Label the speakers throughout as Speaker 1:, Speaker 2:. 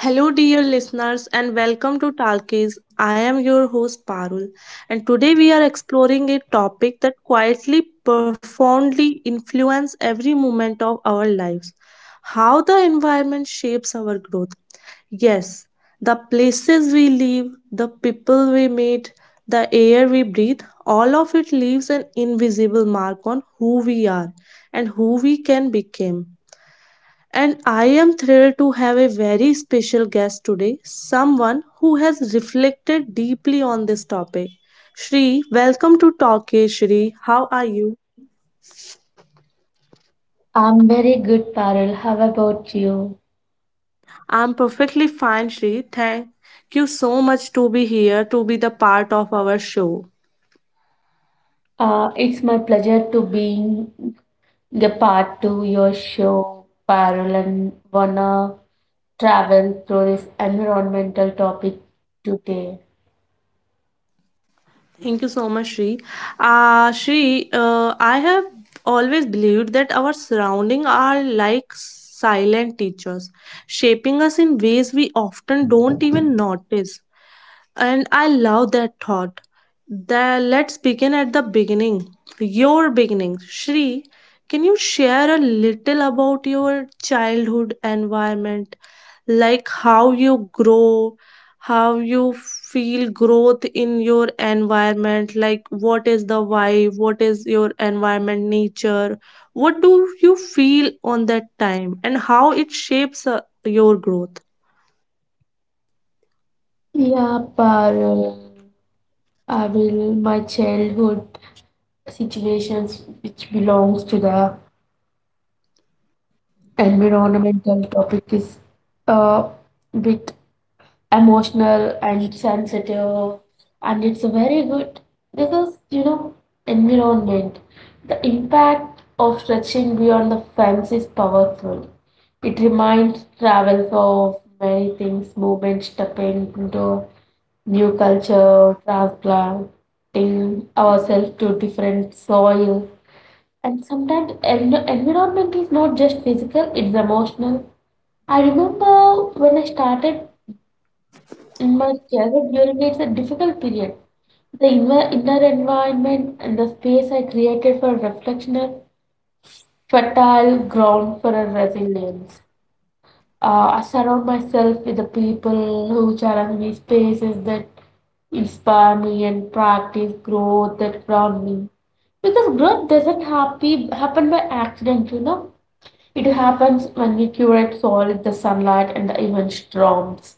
Speaker 1: Hello, dear listeners, and welcome to Talkies. I am your host Parul, and today we are exploring a topic that quietly, profoundly influences every moment of our lives: how the environment shapes our growth. Yes, the places we live, the people we meet, the air we breathe, all of it leaves an invisible mark on who we are and who we can become. And I am thrilled to have a very special guest today, someone who has reflected deeply on this topic. Shri, welcome to Talk It, Shri. How are you?
Speaker 2: I'm very good, Parul. How about you?
Speaker 1: I'm perfectly fine, Shri. Thank you so much to be here, to be the part of our show.
Speaker 2: It's my pleasure to being a part to your show, Parul, and wanna travel through this environmental topic today.
Speaker 1: Thank you so much, Shri. Shri, I have always believed that our surrounding are like silent teachers, shaping us in ways we often don't even notice. And I love that thought. There, let's begin at the beginning. Your beginning. Shri, can you share a little about your childhood environment? Like how you grow, how you feel growth in your environment? Like what is the vibe? What is your environment nature? What do you feel on that time? And how it shapes your growth?
Speaker 2: Yeah, Parul. I will my childhood situations which belongs to the environmental topic is a bit emotional and sensitive, and it's very good because you know environment the impact of stretching beyond the fence is powerful. It reminds travel of many things: movement, stepping into new culture, transplanting ourselves to different soil. And sometimes environment is not just physical, it's emotional. I remember when I started in my childhood, during it's a difficult period. The inner environment and the space I created for reflection are fertile ground for a resilience. I surround myself with the people who challenge me, spaces that inspire me, and practice growth that ground me. Because growth doesn't happy, happen by accident, you know. It happens when we curate soil, the sunlight, and the even storms.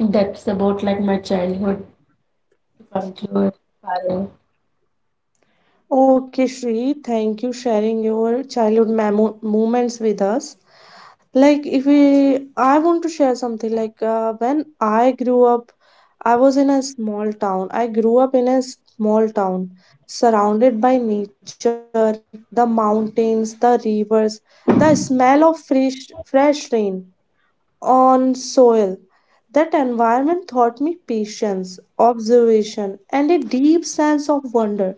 Speaker 2: That's about like my childhood. To conclude, Parul.
Speaker 1: Okay, Shri, thank you sharing your childhood moments with us. Like, if we, I want to share something. Like, when I grew up, I was in a small town. I grew up in a small town, surrounded by nature, the mountains, the rivers, the smell of fresh rain on soil. That environment taught me patience, observation, and a deep sense of wonder.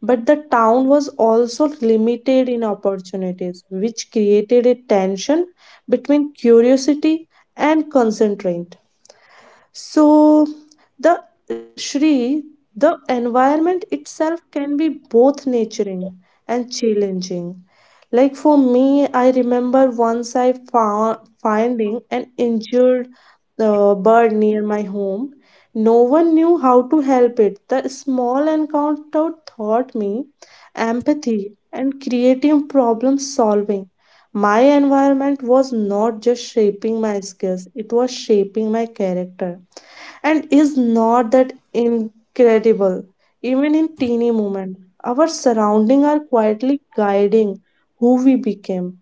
Speaker 1: But the town was also limited in opportunities, which created a tension between curiosity and constraint. So the Shri, the environment itself can be both nurturing and challenging. Like for me, I remember once I found finding an injured bird near my home. No one knew how to help it. The small encounter taught me empathy and creative problem solving. My environment was not just shaping my skills, it was shaping my character. And is not that incredible? Even in teeny moment, our surrounding are quietly guiding who we became.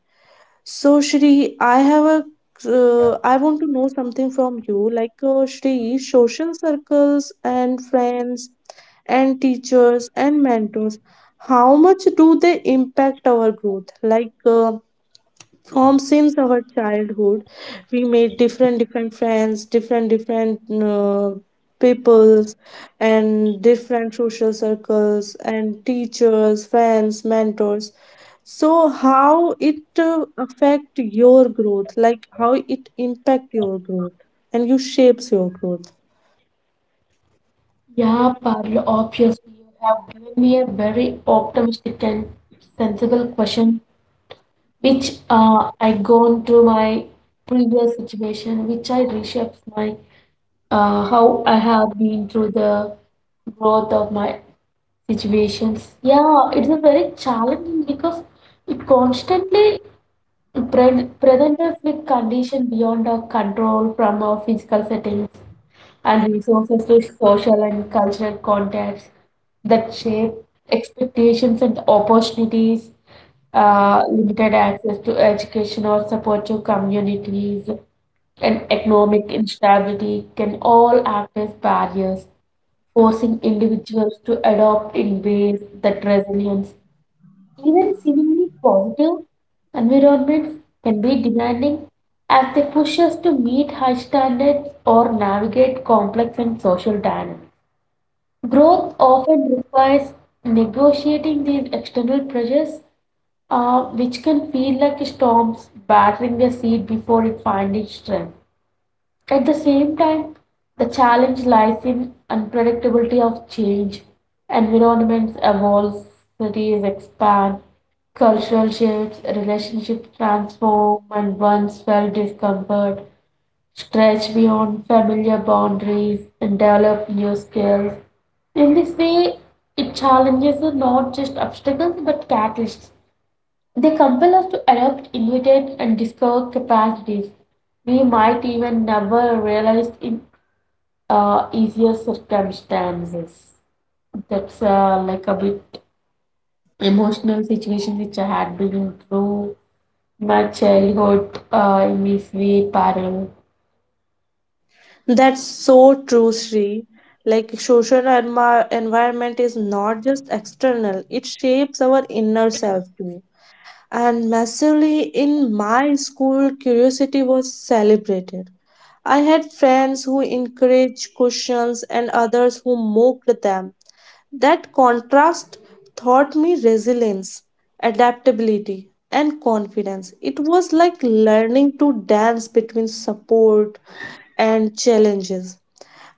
Speaker 1: So Shri, I have a I want to know something from you, like Shri, social circles and friends and teachers and mentors. How much do they impact our growth? Like, from since our childhood we made different friends, different peoples and different social circles and teachers, friends, mentors. So how it affect your growth? Like how it impact your growth and you shapes your growth?
Speaker 2: Yeah, Parul, obviously, you have given me a very optimistic and sensible question, which I gone through my previous situation, which I reshapes my how I have been through the growth of my situations. Yeah, it's a very challenging because it constantly presents us with condition beyond our control, from our physical settings and resources to social and cultural contexts that shape expectations and opportunities. Limited access to education or support to communities, and economic instability can all act as barriers, forcing individuals to adopt in ways that resilience. Even seemingly positive environments can be demanding as they push us to meet high standards or navigate complex and social dynamics. Growth often requires negotiating these external pressures, which can feel like storms battering a seed before it finds its strength. At the same time, the challenge lies in unpredictability of change. Environments evolve, cities expand, cultural shifts, relationships transform, and once felt discomfort stretch beyond familiar boundaries and develop new skills. In this way, it challenges are not just obstacles but catalysts. They compel us to adopt immediate and discover capacities we might even never realize in easier circumstances. That's like a bit emotional situation which I had been through my childhood in this way parallel.
Speaker 1: That's so true, Sri. Like social environment is not just external, it shapes our inner self too. And massively in my school curiosity was celebrated. I had friends who encouraged questions and others who mocked them. That contrast taught me resilience, adaptability, and confidence. It was like learning to dance between support and challenges.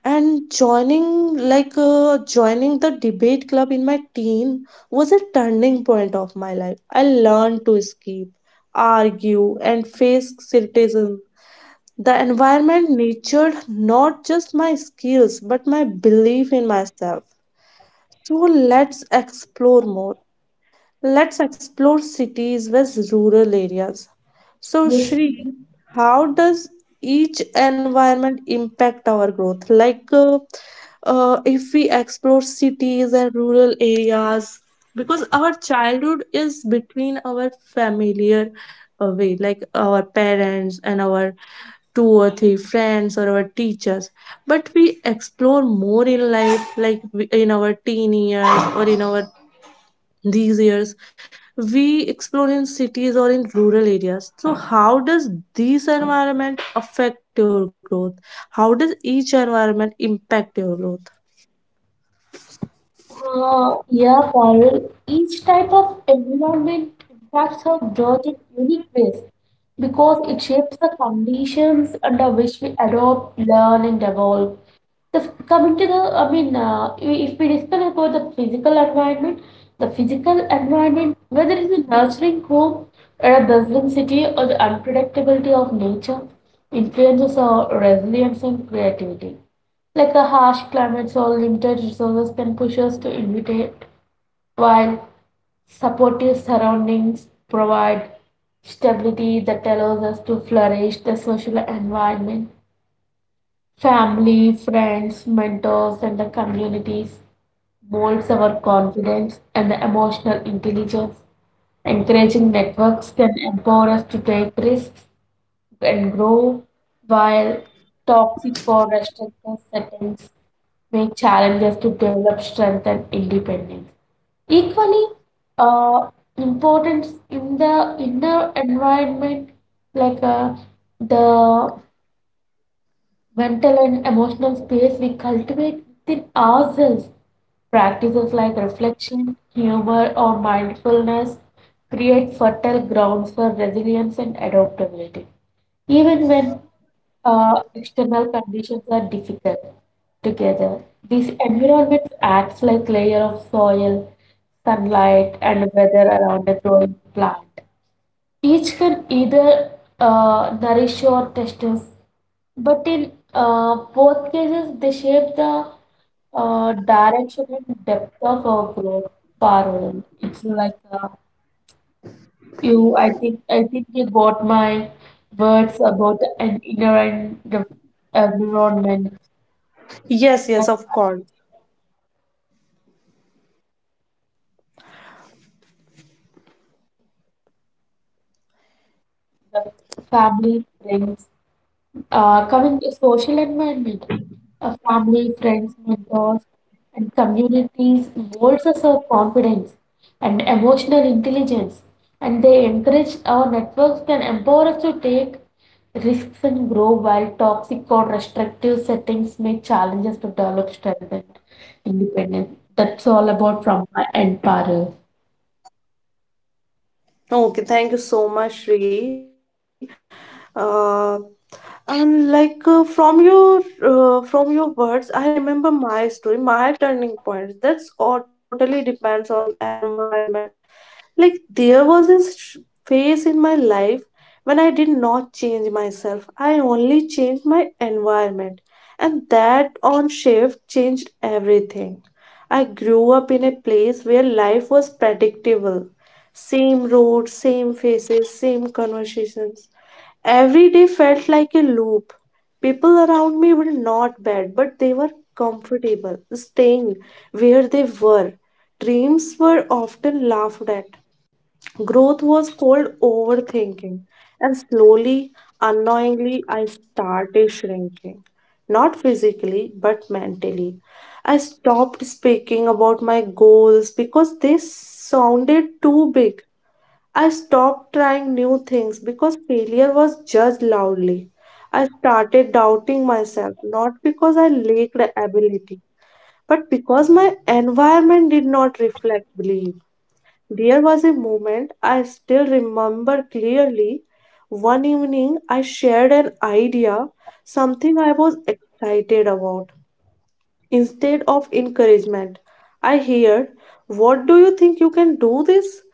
Speaker 1: And joining the debate club in my teen was a turning point of my life. I learned to escape, argue, and face criticism. The environment nurtured not just my skills, but my belief in myself. So let's explore more. Let's explore cities versus rural areas. So,
Speaker 2: Yes.
Speaker 1: Shri, how does each environment impact our growth? Like, if we explore cities and rural areas, because our childhood is between our familiar way, like our parents and our two or three friends or our teachers, but we explore more in life, like in our teen years or in our these years, we explore in cities or in rural areas. So how does this environment affect your growth? How does each environment impact your growth?
Speaker 2: Yeah, Parul, each type of environment impacts our growth in unique ways because it shapes the conditions under which we adopt, learn, and evolve. The coming to the, I mean, If we discuss about the physical environment, whether it's a nurturing home or a bustling city or the unpredictability of nature, influences our resilience and creativity. Like a harsh climate or limited resources can push us to innovate, while supportive surroundings provide stability that allows us to flourish the social environment. Family, friends, mentors, and the communities molds our confidence and the emotional intelligence. Encouraging networks can empower us to take risks and grow, while toxic or restrictive settings may challenge us to develop strength and independence. Equally, uh, important in the inner environment, like uh, the mental and emotional space we cultivate within ourselves. Practices like reflection, humor, or mindfulness create fertile grounds for resilience and adaptability, even when external conditions are difficult together. These environments acts like layer of soil, sunlight, and weather around a growing plant. Each can either nourish or test us, but in both cases, they shape the direction and depth of our growth parallel. It's like I think you got my words about an inner and the environment,
Speaker 1: Yes, yes,
Speaker 2: like
Speaker 1: of course.
Speaker 2: the family, friends. Coming to social environment, a family, friends, mentors, and communities molds us our confidence and emotional intelligence, and they encourage our networks can empower us to take risks and grow, while toxic or restrictive settings may challenge us to develop strength and independence. That's all about from my end, Parul.
Speaker 1: Okay, thank you so much, Sri. Uh, and like from your words, I remember my story, my turning point. That's all totally depends on environment. Like, there was a phase in my life when I did not change myself, I only changed my environment. And that on shift changed everything. I grew up in a place where life was predictable: same roads, same faces, same conversations. Every day felt like a loop. People around me were not bad, but they were comfortable, staying where they were. Dreams were often laughed at. Growth was called overthinking. And slowly, unknowingly, I started shrinking. Not physically, but mentally. I stopped speaking about my goals because they sounded too big. I stopped trying new things because failure was judged loudly. I started doubting myself, not because I lacked ability, but because my environment did not reflect belief. There was a moment I still remember clearly. One evening, I shared an idea, something I was excited about, instead of encouragement. I hear, "What do you think you can do this?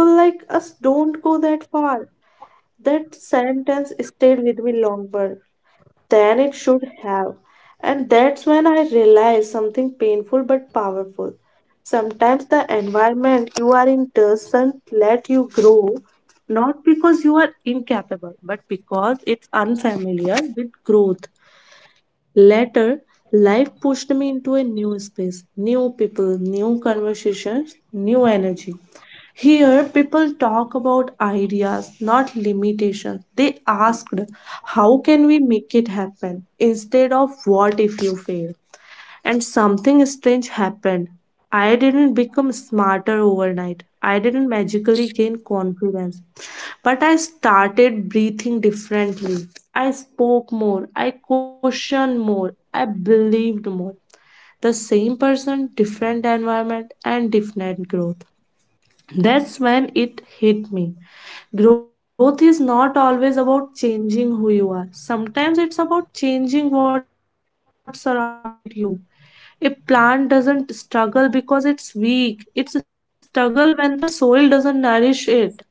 Speaker 1: People like us don't go that far." That sentence stayed with me longer than it should have. And that's when I realized something painful but powerful. Sometimes the environment you are in doesn't let you grow, not because you are incapable, but because it's unfamiliar with growth. Later, life pushed me into a new space, new people, new conversations, new energy. Here, people talk about ideas, not limitations. They asked, "How can we make it happen?" instead of "What if you fail?" And something strange happened. I didn't become smarter overnight. I didn't magically gain confidence. But I started breathing differently. I spoke more. I questioned more. I believed more. The same person, different environment, and different growth. That's when it hit me. Growth is not always about changing who you are. Sometimes it's about changing what surrounded you. A plant doesn't struggle because it's weak. It's a struggle when the soil doesn't nourish it.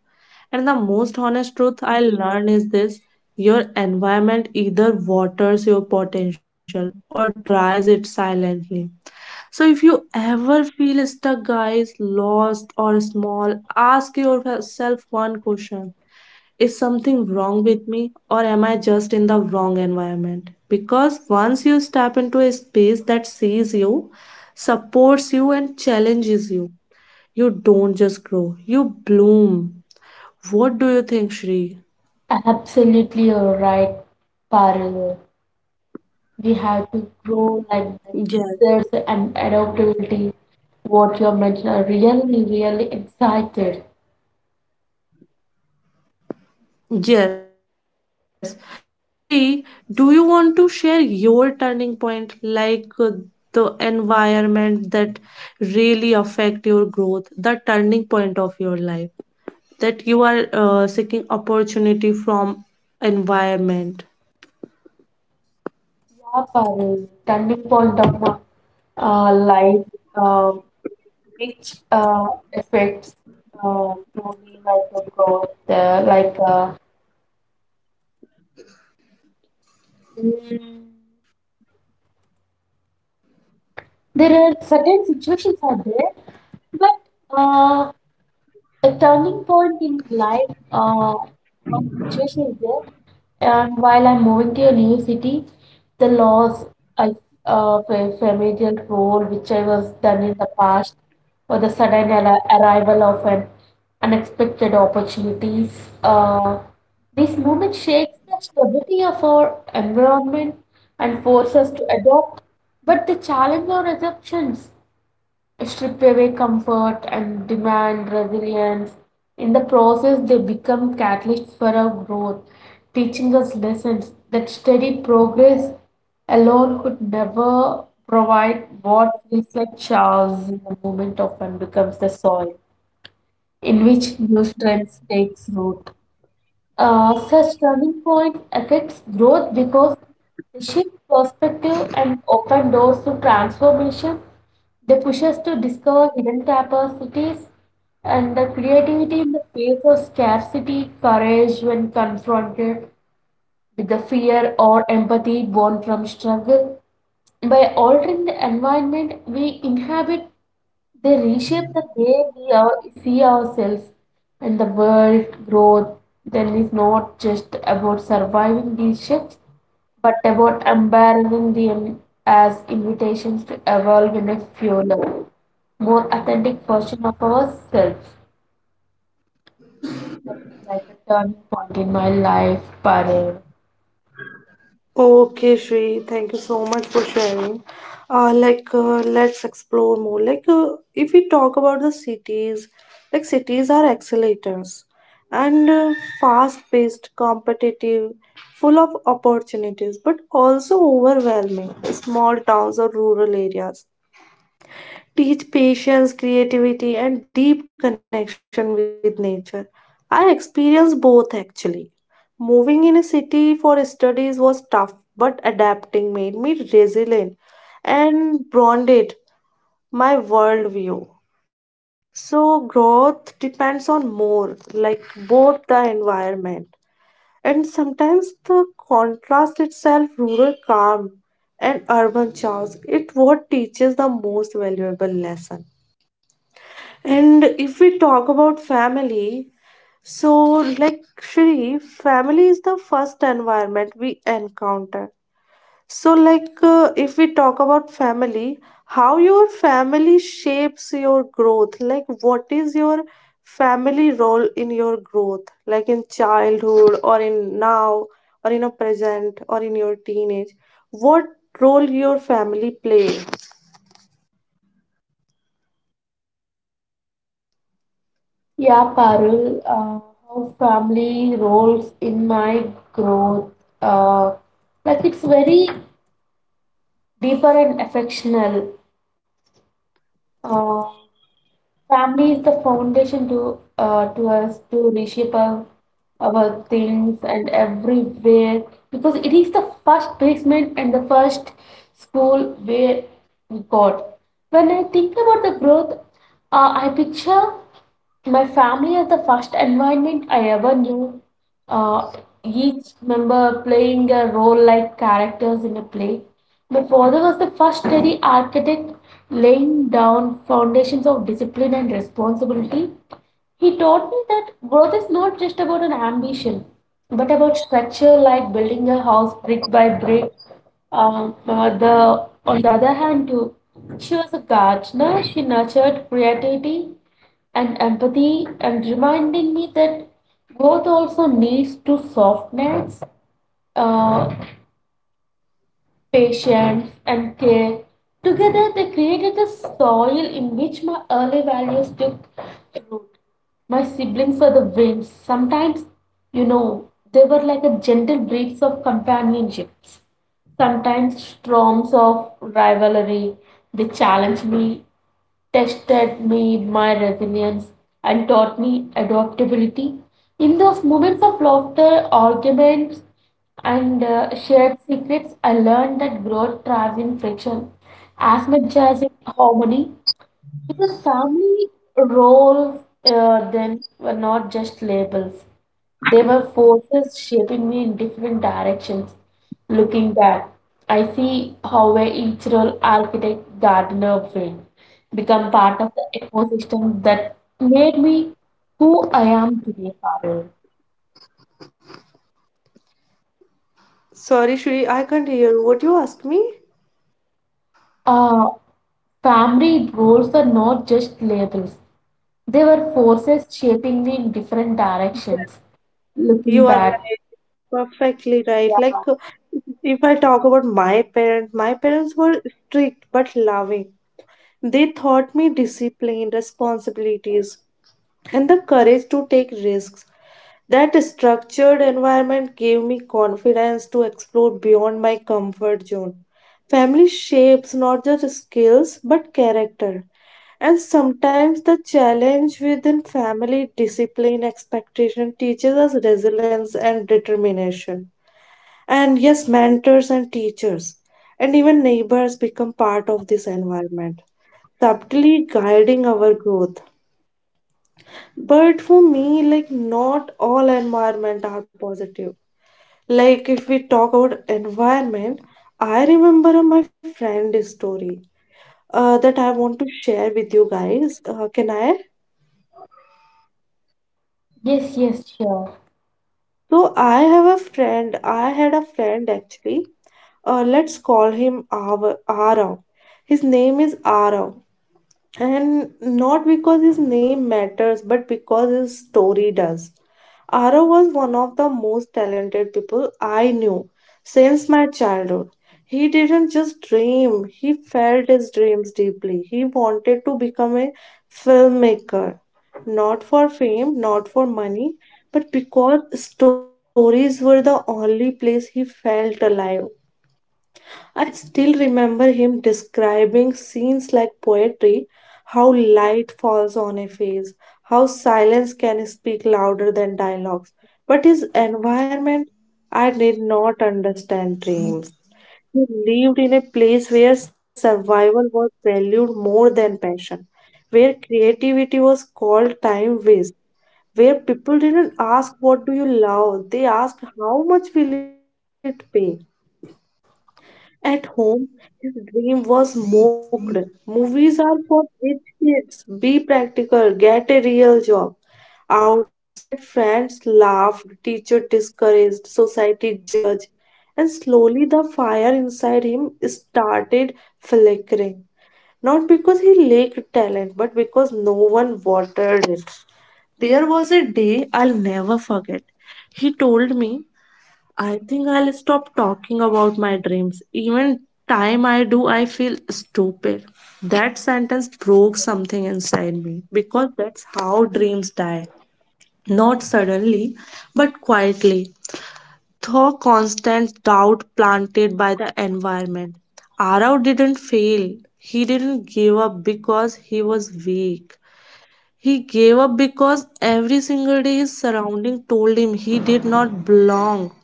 Speaker 1: And the most honest truth I learned is this: your environment either waters your potential or dries it silently. So if you ever feel stuck, guys, lost, or small, ask yourself one question: is something wrong with me, or am I just in the wrong environment? Because once you step into a space that sees you, supports you, and challenges you, you don't just grow, you bloom. What do you think, Shri?
Speaker 2: Absolutely, you're right, Parul. We have to grow like the teachers and
Speaker 1: Yes.
Speaker 2: adaptability. What you have mentioned, I'm really excited.
Speaker 1: Yes. So, Shri, do you want to share your turning point, like the environment that really affect your growth, the turning point of your life? That you are seeking opportunity from environment.
Speaker 2: Yeah, Parul, turning point of my life, uh, which affects uh, to me like a growth, mm, there are certain situations are there, but a turning point in life one situation is there and while I'm moving to a new city, the loss of a familial role which I was done in the past or the sudden arrival of an unexpected opportunities. This movement shakes the stability of our environment and forces us to adopt but the challenge our assumptions strip away comfort and demand resilience. In the process, they become catalysts for our growth, teaching us lessons that steady progress alone could never provide. What feels like chaos in the moment often becomes the soil in which new strength takes root. Such turning point affects growth because they shift perspective and open doors to transformation. They push us to discover hidden capacities and the creativity in the face of scarcity, courage when confronted with the fear, or empathy born from struggle. By altering the environment we inhabit, they reshape the way we are, see ourselves, and the world. Growth then is not just about surviving these shifts, but about embracing them as invitations to evolve in a fuller, more authentic version of ourselves. That is like a turning point in my life, Parul.
Speaker 1: Okay, Shri, thank you so much for sharing. Let's explore more. Like, if we talk about the cities, like cities are accelerators and fast paced, competitive, full of opportunities, but also overwhelming. Small towns or rural areas teach patience, creativity, and deep connection with nature. I experienced both actually. Moving in a city for studies was tough, but adapting made me resilient and broadened my worldview. So, growth depends on more, like both the environment and sometimes the contrast itself, rural calm and urban chaos. It what teaches the most valuable lesson. And if we talk about family, so like Shri, family is the first environment we encounter. So, like, if we talk about family, how your family shapes your growth? Like, what is your family role in your growth? Like, in childhood, or in now, or in a present, or in your teenage? What role your family play?
Speaker 2: Yeah, Parul, how family roles in my growth. Uh, like it's very deeper and affectional. Uh, family is the foundation to us to reshape our things and everywhere, because it is the first basement and the first school where we got. When I think about the growth, I picture. My family are the first environment I ever knew. Uh, each member playing a role like characters in a play. My father was the first steady architect, laying down foundations of discipline and responsibility. He taught me that growth is not just about an ambition, but about structure, like building a house brick by brick. My mother, on the other hand, too, she was a gardener. She nurtured creativity and empathy and reminding me that growth also needs to soft nets. Uh, Patience, and care. Together, they created the soil in which my early values took root. My siblings were the winds. Sometimes, you know, they were like a gentle breeze of companionship. Sometimes storms of rivalry. They challenged me, tested me my resilience, and taught me adaptability. In those moments of laughter, arguments, and shared secrets, I learned that growth thrives in friction as much as in harmony. If the family roles then were not just labels, they were forces shaping me in different directions. Looking back, I see how a each role, architect, gardener, friend, become part of the ecosystem that made me who I am today, Parul.
Speaker 1: Sorry, Shri, I can't hear. What you ask me?
Speaker 2: Uh, family roles were not just labels, they were forces shaping me in different directions. Looking
Speaker 1: You are
Speaker 2: back,
Speaker 1: right, perfectly right.
Speaker 2: yeah.
Speaker 1: Like, if I talk about my parents were strict but loving. They taught me discipline, responsibilities, and the courage to take risks. That structured environment gave me confidence to explore beyond my comfort zone. Family shapes not just skills but character. And sometimes the challenge within family discipline expectation teaches us resilience and determination. And yes, mentors and teachers and even neighbors become part of this environment, subtly guiding our growth. But for me, like not all environment are positive. Like if we talk about environment, I remember my friend's story that I want to share with you guys. Can I?
Speaker 2: Yes, yes, sure.
Speaker 1: So I have a friend. I had a friend actually. Let's call him Arav. His name is Arav. And not because his name matters, but because his story does. Arav was one of the most talented people I knew since my childhood. He didn't just dream, he felt his dreams deeply. He wanted to become a filmmaker, not for fame, not for money, but because stories were the only place he felt alive. I still remember him describing scenes like poetry, how light falls on a face, how silence can speak louder than dialogues. But his environment, I did not understand dreams. He lived in a place where survival was valued more than passion, where creativity was called time waste, where people didn't ask, "What do you love?" They asked, "How much will it pay?" At home, his dream was mocked. "Movies are for rich kids. Be practical, get a real job." Outside, friends laughed, teacher discouraged, society judged, and slowly the fire inside him started flickering. Not because he lacked talent, but because no one watered it. There was a day I'll never forget. He told me, "I think I'll stop talking about my dreams. Even time I do, I feel stupid." That sentence broke something inside me because that's how dreams die. Not suddenly, but quietly. Through constant doubt planted by the environment. Arav didn't fail. He didn't give up because he was weak. He gave up because every single day his surrounding told him he did not belong.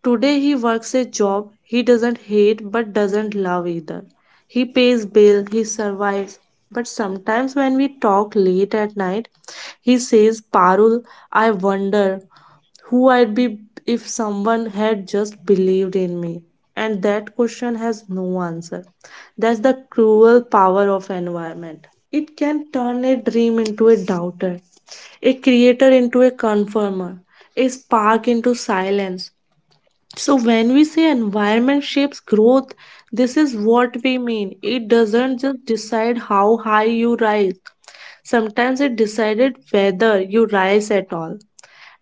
Speaker 1: Today he works a job he doesn't hate but doesn't love either. He pays bill, he survives. But sometimes when we talk late at night, he says, "Parul, I wonder who I'd be if someone had just believed in me." And that question has no answer. That's the cruel power of environment. It can turn a dream into a doubter, a creator into a conformer, a spark into silence. So, when we say environment shapes growth, this is what we mean. It doesn't just decide how high you rise, sometimes it decided whether you rise at all.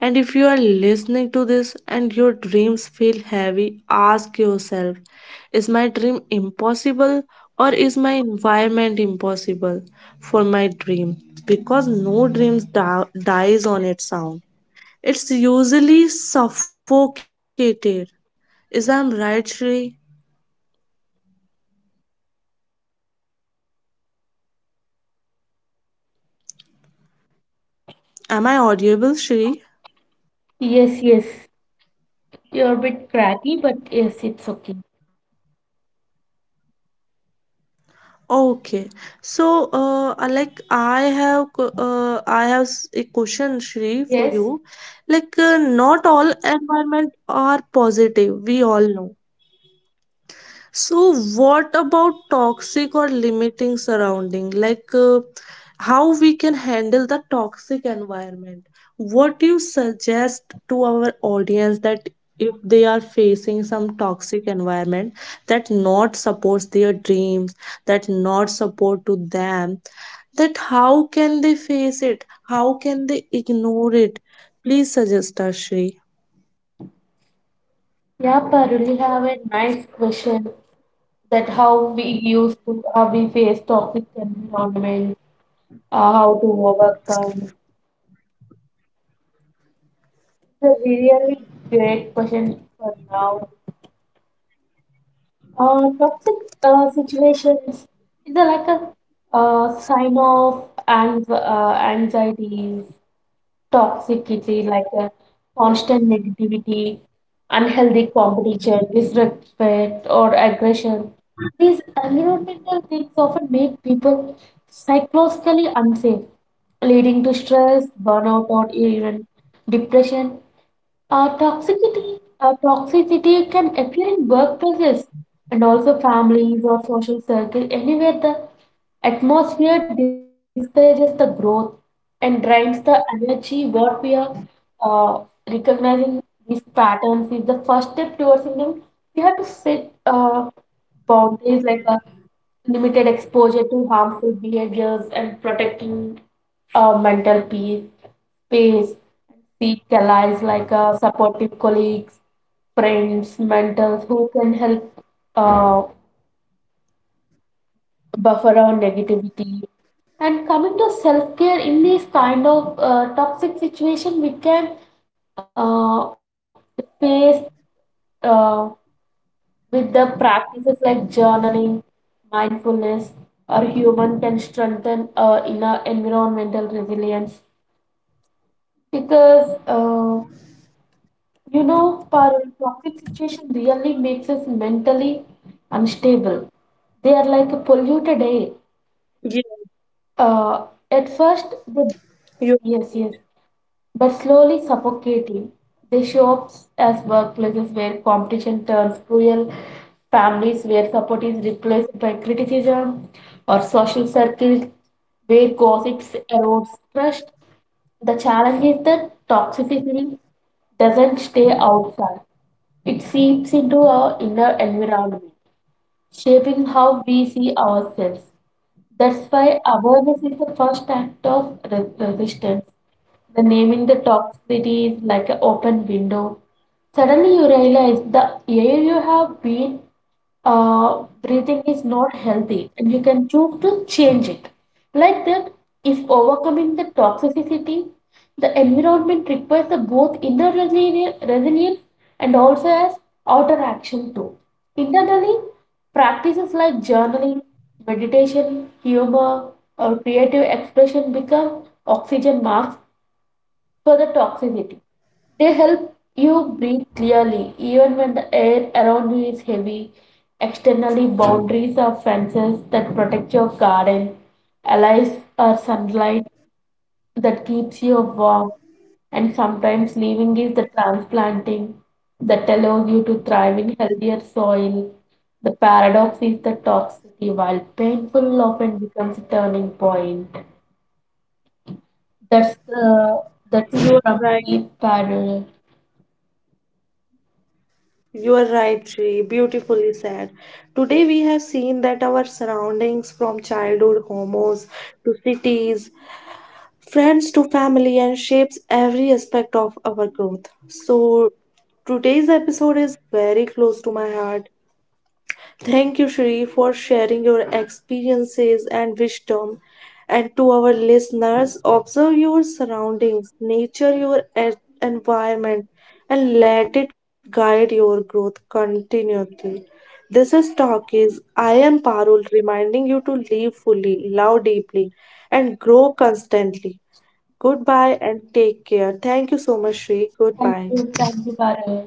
Speaker 1: And if you are listening to this and your dreams feel heavy, ask yourself: is my dream impossible, or is my environment impossible for my dream? Because no dream dies on its own. It's usually suffocated. Is I'm right, Shri? Am I audible, Shri?
Speaker 2: Yes, yes. You're a bit cracky, but yes, it's okay.
Speaker 1: Okay. So, like I have a question, Shri, for
Speaker 2: Yes.
Speaker 1: you. Like, not all environment are positive. We all know. So, what about toxic or limiting surrounding? Like, how we can handle the toxic environment? What do you suggest to our audience that if they are facing some toxic environment that not supports their dreams, that not support to them, that how can they face it? How can they ignore it? Please suggest us, Shri.
Speaker 2: Yep, I really have a nice question that how we used to, how we face toxic environment, how to overcome. It's a really great question for now. Toxic situations is a, like a sign of ans anxieties toxicity, constant negativity, unhealthy competition, disrespect, or aggression. These environmental things often make people psychologically unsafe, leading to stress, burnout, or even depression. Toxicity can appear in workplaces and also families or social circle, anywhere the atmosphere discourages the growth and drains the energy. What we are uh, recognizing these patterns is the step towards them. We have to sit boundaries like a limited exposure to harmful behaviors and protecting mental peace, space, seek allies like supportive colleagues, friends, mentors who can help uh, buffer our negativity. And coming to self care in this kind of toxic situation, we can uh, face uh, with the practices like journaling, mindfulness, or human can strengthen inner environmental resilience. Because you know, our toxic situation really makes us mentally unstable. They are like a polluted air.
Speaker 1: Yeah,
Speaker 2: At first,
Speaker 1: you
Speaker 2: they yes, yes. But slowly suffocating, they show up as workplaces where competition turns cruel, families where support is replaced by criticism, or social circles where gossips erodes trust. The challenge is that toxicity doesn't stay outside. It seeps into our inner environment, shaping how we see ourselves. That's why awareness is the first act of resistance. The naming the toxicity is like an open window. Suddenly you realize the air you have been breathing is not healthy and you can choose to change it. Like that, if overcoming the toxicity, the environment requires the both inner resilience and also as outer action too. Internally, practices like journaling, meditation, humor, or creative expression become oxygen masks for the toxicity. They help you breathe clearly even when the air around you is heavy. Externally, boundaries are fences that protect your garden, allies are sunlight that keeps you warm, and sometimes leaving is the transplanting that allows you to thrive in healthier soil. The paradox is the toxicity, while painful, often becomes a turning point. That's the that's
Speaker 1: you are
Speaker 2: from
Speaker 1: right.
Speaker 2: the parallel.
Speaker 1: You are right, Shri. Beautifully said. Today we have seen that our surroundings, from childhood homos to cities, friends to family, and shapes every aspect of our growth. So today's episode is very close to my heart. Thank you, Shri, for sharing your experiences and wisdom. And to our listeners, observe your surroundings, nature your environment, and let it guide your growth continually. This is Talkies. I am Parul, reminding you to live fully, love deeply, and grow constantly. Goodbye and take care. Thank you so much, Shri.
Speaker 2: Thank you. Thank you,
Speaker 1: Goodbye.
Speaker 2: Parul.